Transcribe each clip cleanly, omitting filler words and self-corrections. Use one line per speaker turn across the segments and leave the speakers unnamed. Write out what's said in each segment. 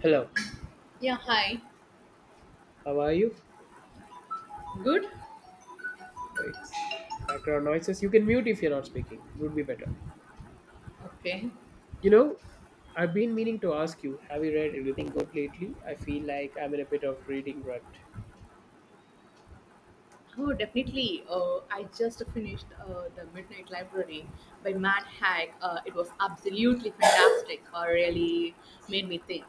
Hello,
Yeah, hi.
how are you?
Good?
Right, background noises. You can mute if you're not speaking. It would be better.
Okay.
You know, I've been meaning to ask you, have you read anything good lately? I feel like I'm in a bit of reading rut.
Oh, definitely. I just finished The Midnight Library by Matt Haig. It was absolutely fantastic. Really made me think.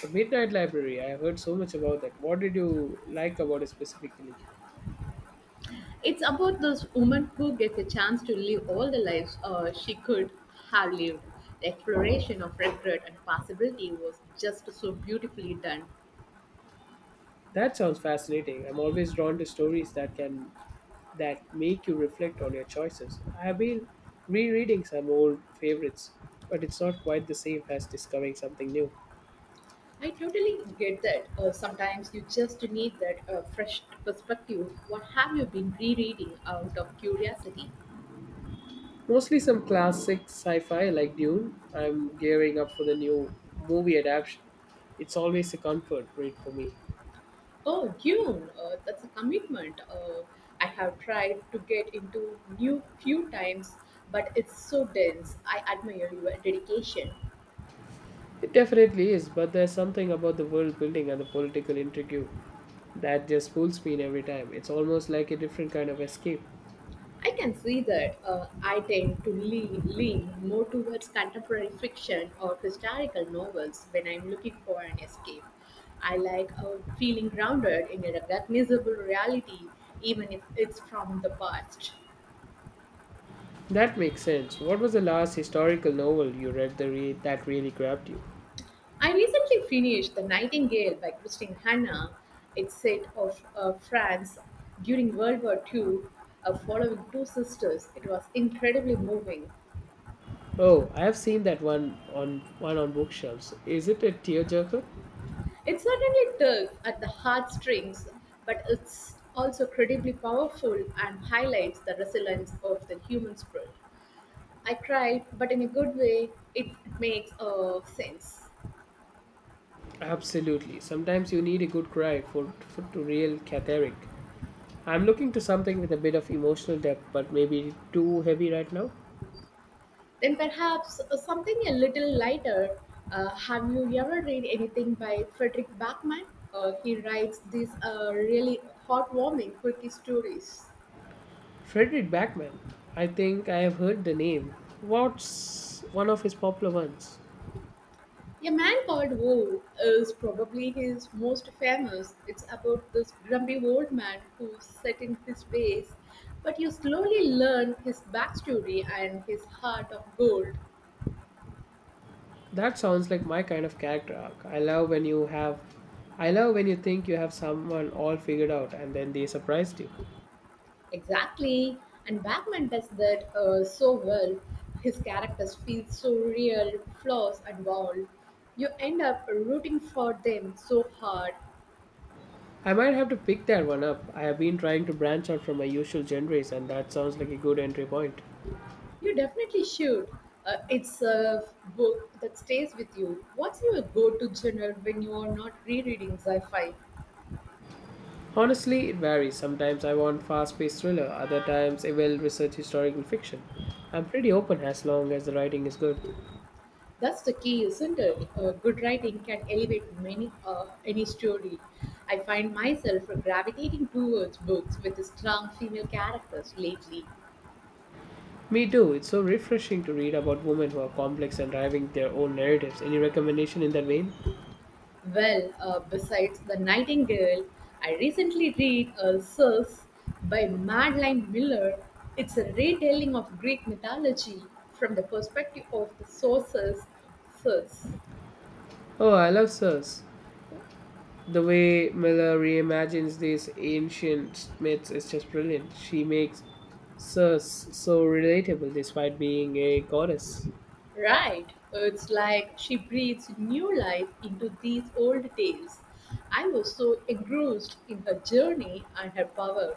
The Midnight Library, I have heard so much about that. What did you like about it specifically?
It's about this woman who gets a chance to live all the lives she could have lived. The exploration of regret and possibility was just so beautifully done.
That sounds fascinating. I'm always drawn to stories that make you reflect on your choices. I have been rereading some old favorites, but it's not quite the same as discovering something new.
I totally get that. Sometimes you just need that fresh perspective. What have you been rereading out of curiosity?
Mostly some classic sci fi like Dune. I'm gearing up for the new movie adaptation. It's always a comfort read for me.
Oh, Dune, that's a commitment. I have tried to get into new few times, but it's so dense. I admire your dedication.
It definitely is, but there's something about the world building and the political intrigue that just pulls me in every time. It's almost like a different kind of escape.
I can see that, I tend to lean more towards contemporary fiction or historical novels when I'm looking for an escape. I like, feeling grounded in a recognizable reality, even if it's from the past.
That makes sense. What was the last historical novel you read that really grabbed you?
I recently finished The Nightingale by Christine Hanna. It's set of France during World War II, following two sisters. It was incredibly moving.
Oh, I have seen that one on bookshelves. Is it a tearjerker?
It certainly tugs at the heartstrings, but it's also incredibly powerful and highlights the resilience of the human spirit. I cried, but in a good way, it makes sense.
Absolutely. Sometimes you need a good cry for to real cathartic. I'm looking to something with a bit of emotional depth, but maybe too heavy right now.
Then perhaps something a little lighter. Have you ever read anything by Frederick Bachman? He writes these really heartwarming quirky stories.
Frederick Backman. I think I have heard the name. What's one of his popular ones?
A Man Called Wolf is probably his most famous. It's about this grumpy old man who's set in his ways, but you slowly learn his backstory and his heart of gold.
That sounds like my kind of character arc. I love when you think you have someone all figured out and then they surprised you.
Exactly, and Batman does that so well. His characters feel so real, flaws and all. You end up rooting for them so hard.
I might have to pick that one up. I have been trying to branch out from my usual genres and that sounds like a good entry point.
You definitely should. It's a book that stays with you. What's your go to genre when you are not rereading sci fi?
Honestly, it varies. Sometimes I want fast-paced thriller, other times a well-researched historical fiction. I'm pretty open as long as the writing is good.
That's the key, isn't it? Good writing can elevate many any story. I find myself gravitating towards books with strong female characters lately.
Me too. It's so refreshing to read about women who are complex and driving their own narratives. Any recommendation in that vein?
Well, besides The Nightingale, I recently read Circe by Madeline Miller. It's a retelling of Greek mythology from the perspective of the sources, Circe.
Oh, I love Sirs. The way Miller reimagines these ancient myths is just brilliant. She makes Sirs so relatable despite being a goddess.
Right, it's like she breathes new life into these old tales. I was so engrossed in her journey and her power.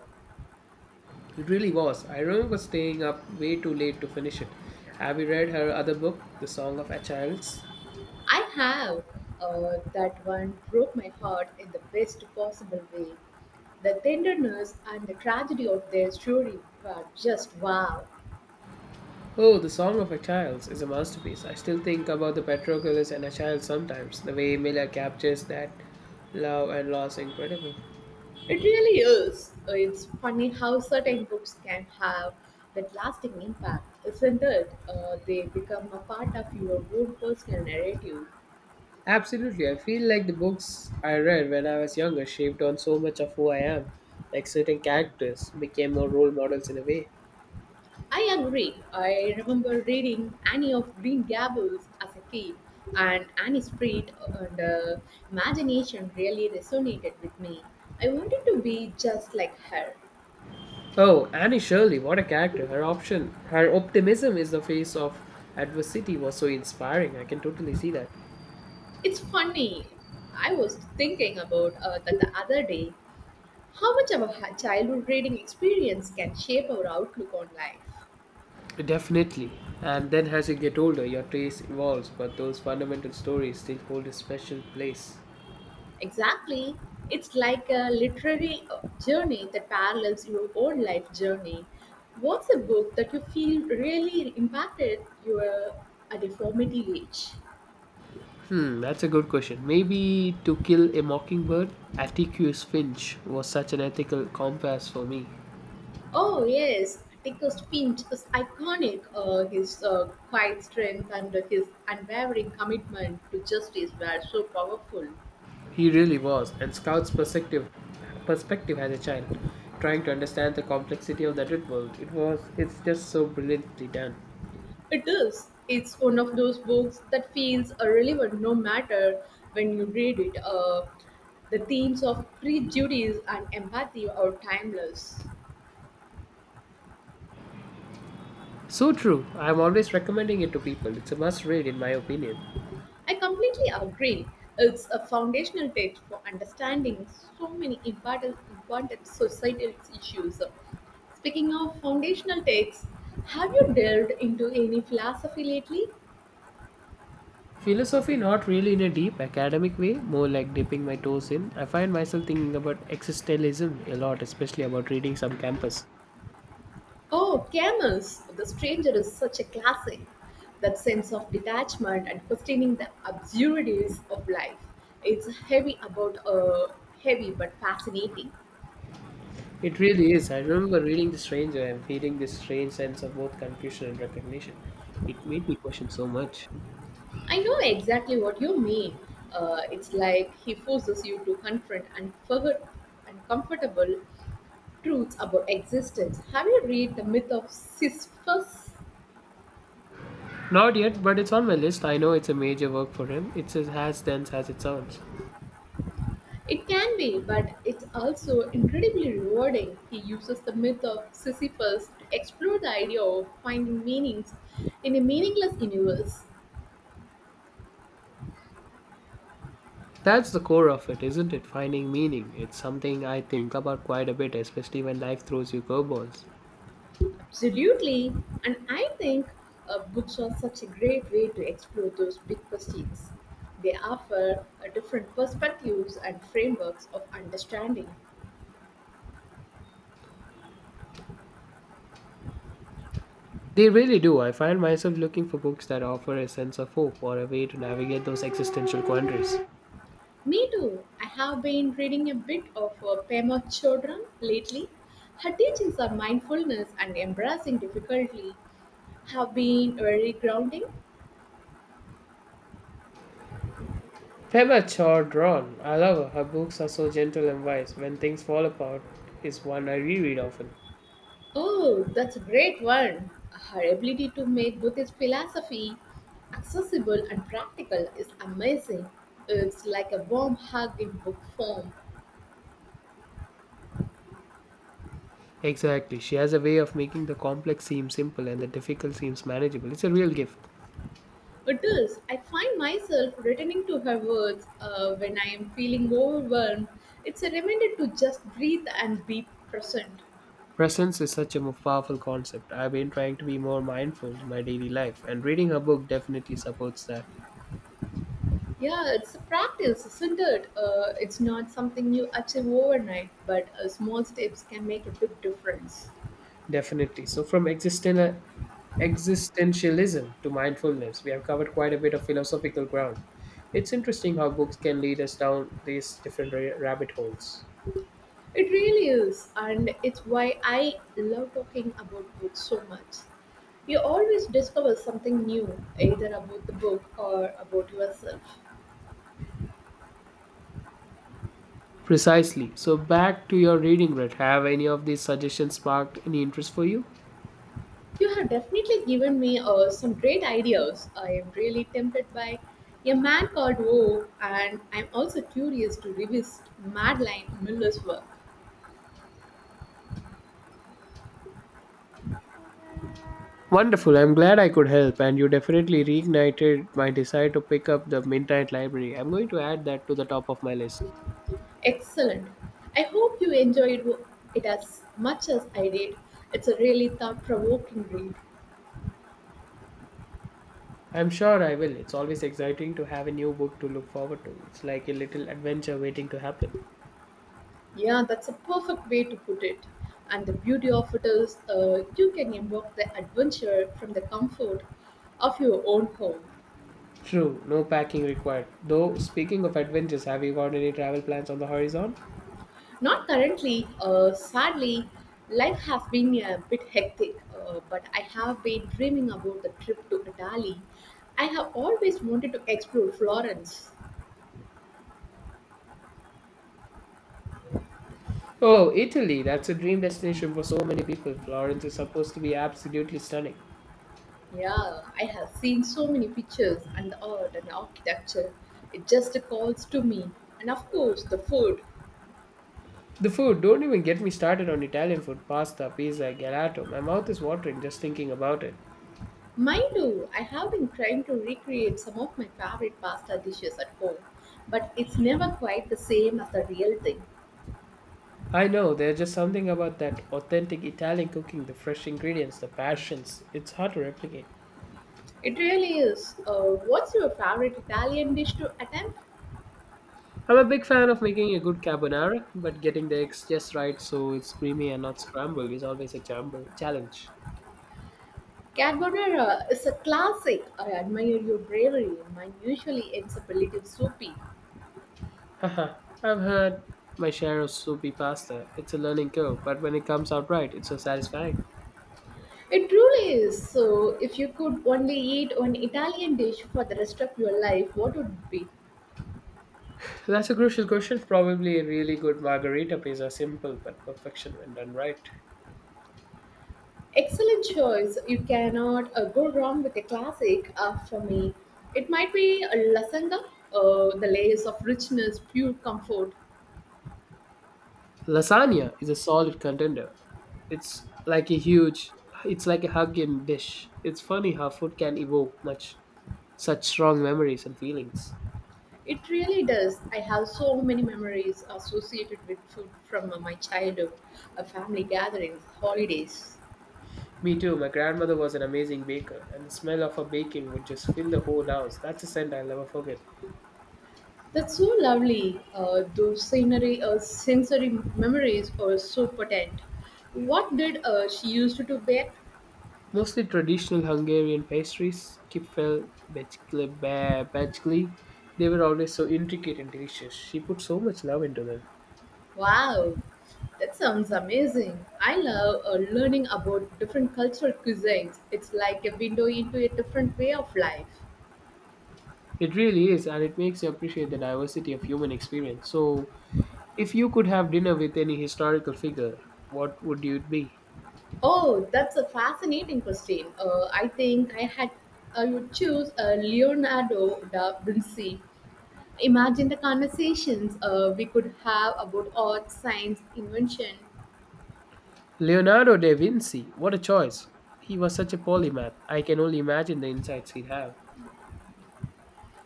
It really was. I remember staying up way too late to finish it. Have you read her other book, The Song of Achilles?
I have. That one broke my heart in the best possible way. The tenderness and the tragedy of their story were just wow.
Oh, The Song of Achilles is a masterpiece. I still think about the Patroclus and Achilles sometimes. The way Miller captures that love and loss incredible.
It really is. It's funny how certain books can have that lasting impact, isn't it? They become a part of your own personal narrative.
Absolutely. I feel like the books I read when I was younger shaped on so much of who I am. Like certain characters became more role models in a way.
I agree. I remember reading Annie of Green Gables as a kid, and Annie's Street and, imagination really resonated with me. I wanted to be just like her.
Oh, Annie Shirley, what a character. Her optimism is the face of adversity was so inspiring. I can totally see that.
It's funny. I was thinking about that the other day. How much of a childhood reading experience can shape our outlook on life?
Definitely. And then as you get older, your taste evolves, but those fundamental stories still hold a special place.
Exactly. It's like a literary journey that parallels your own life journey. What's a book that you feel really impacted you at a formative age?
Hmm, that's a good question. Maybe To Kill a Mockingbird, Atticus Finch was such an ethical compass for me.
Oh, yes. Atticus Finch is iconic. His quiet strength and his unwavering commitment to justice were so powerful.
He really was, and Scout's perspective perspective as a child, trying to understand the complexity of the adult world. It's just so brilliantly done.
It is. It's one of those books that feels relevant no matter when you read it. The themes of prejudice and empathy are timeless.
So true. I'm always recommending it to people. It's a must read, in my opinion.
I completely agree. It's a foundational text for understanding so many important societal issues. Speaking of foundational texts, have you delved into any philosophy lately?
Philosophy, not really in a deep academic way, more like dipping my toes in. I find myself thinking about existentialism a lot, especially about reading some campus.
Oh, Camels! The Stranger is such a classic. That sense of detachment and questioning the absurdities of life. It's heavy but fascinating.
It really is. I remember reading The Stranger and feeling this strange sense of both confusion and recognition. It made me question so much.
I know exactly what you mean. It's like he forces you to confront uncomfortable truths about existence. Have you read the myth of Sisyphus?
Not yet, but it's on my list. I know it's a major work for him. It's as dense as it sounds.
It can be, but it's also incredibly rewarding. He uses the myth of Sisyphus to explore the idea of finding meanings in a meaningless universe.
That's the core of it, isn't it? Finding meaning. It's something I think about quite a bit, especially when life throws you curveballs.
Absolutely, and I think books are such a great way to explore those big questions. They offer different perspectives and frameworks of understanding.
They really do. I find myself looking for books that offer a sense of hope or a way to navigate those existential quandaries.
Me too. I have been reading a bit of Pema Chodron lately. Her teachings on mindfulness and embracing difficulty have been very grounding.
Pema Chodron, I love her. Her books are so gentle and wise. When Things Fall Apart is one I reread often.
Oh, that's a great one. Her ability to make Buddhist philosophy accessible and practical is amazing. It's like a warm hug in book form.
Exactly. She has a way of making the complex seem simple and the difficult seems manageable. It's a real gift.
It is. I find myself returning to her words when I am feeling overwhelmed. It's a reminder to just breathe and be present.
Presence is such a powerful concept. I've been trying to be more mindful in my daily life, and reading a book definitely supports that.
Yeah, it's a practice, isn't it? It's not something you achieve overnight, but small steps can make a big difference.
Definitely. So, from existentialism to mindfulness, we have covered quite a bit of philosophical ground. It's interesting how books can lead us down these different rabbit holes.
It really is, and it's why I love talking about books so much. You always discover something new, either about the book or about yourself.
Precisely. So, back to your reading, Red. Have any of these suggestions sparked any interest for you?
You have definitely given me some great ideas. I am really tempted by A Man Called Woe, and I'm also curious to revisit Madeline Miller's work.
Wonderful. I'm glad I could help, and you definitely reignited my desire to pick up the Midnight Library. I'm going to add that to the top of my list.
Excellent. I hope you enjoyed it as much as I did. It's a really thought provoking read.
I'm sure I will. It's always exciting to have a new book to look forward to. It's like a little adventure waiting to happen.
Yeah, that's a perfect way to put it. And the beauty of it is, you can invoke the adventure from the comfort of your own home.
True, no packing required. Though, speaking of adventures, have you got any travel plans on the horizon?
Not currently, sadly. Life has been a bit hectic, but I have been dreaming about the trip to Italy. I have always wanted to explore Florence.
Oh, Italy! That's a dream destination for so many people. Florence is supposed to be absolutely stunning.
Yeah, I have seen so many pictures and the art and the architecture. It just calls to me. And of course, the food.
The food, don't even get me started on Italian food pasta, pizza, gelato. My mouth is watering just thinking about it.
Mind you, I have been trying to recreate some of my favorite pasta dishes at home, but it's never quite the same as the real thing.
I know there's just something about that authentic Italian cooking, the fresh ingredients, the passions. It's hard to replicate.
It really is. What's your favorite Italian dish to attempt?
I'm a big fan of making a good carbonara, but getting the eggs just right so it's creamy and not scrambled is always a challenge.
Carbonara is a classic. I admire your bravery. Mine usually ends up a little soupy.
Haha, I've had my share of soupy pasta. It's a learning curve, but when it comes out right, it's so satisfying.
It truly is. So, if you could only eat one Italian dish for the rest of your life, what would it be?
So that's a crucial question. Probably a really good margarita pizza, simple but perfection when done right.
Excellent choice. You cannot go wrong with a classic for me. It might be a lasagna, the layers of richness, pure comfort.
Lasagna is a solid contender. It's like a huge, it's like a hug in dish. It's funny how food can evoke much such strong memories and feelings.
It really does. I have so many memories associated with food from, my childhood, family gatherings, holidays.
Me too. My grandmother was an amazing baker, and the smell of her baking would just fill the whole house. That's a scent I'll never forget.
That's so lovely. Those sensory memories are so potent. What did she used to bake?
Mostly traditional Hungarian pastries, kipfel, becskli. They were always so intricate and delicious. She put so much love into them.
Wow, that sounds amazing. I love learning about different cultural cuisines. It's like a window into a different way of life.
It really is, and it makes you appreciate the diversity of human experience. So, if you could have dinner with any historical figure, what would it be?
Oh, that's a fascinating question. I think I had I would choose Leonardo da Vinci. Imagine the conversations we could have about art, science, invention.
Leonardo da Vinci, what a choice. He was such a polymath. I can only imagine the insights he'd have.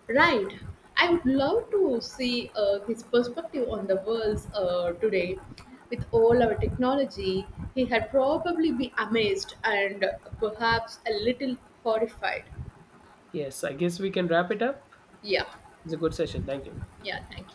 Right. I would love to see his perspective on the world today. With all our technology, he had probably be amazed and perhaps a little horrified.
Yes, I guess we can wrap it up.
Yeah.
It's a good session. Thank you.
Yeah. Thank you.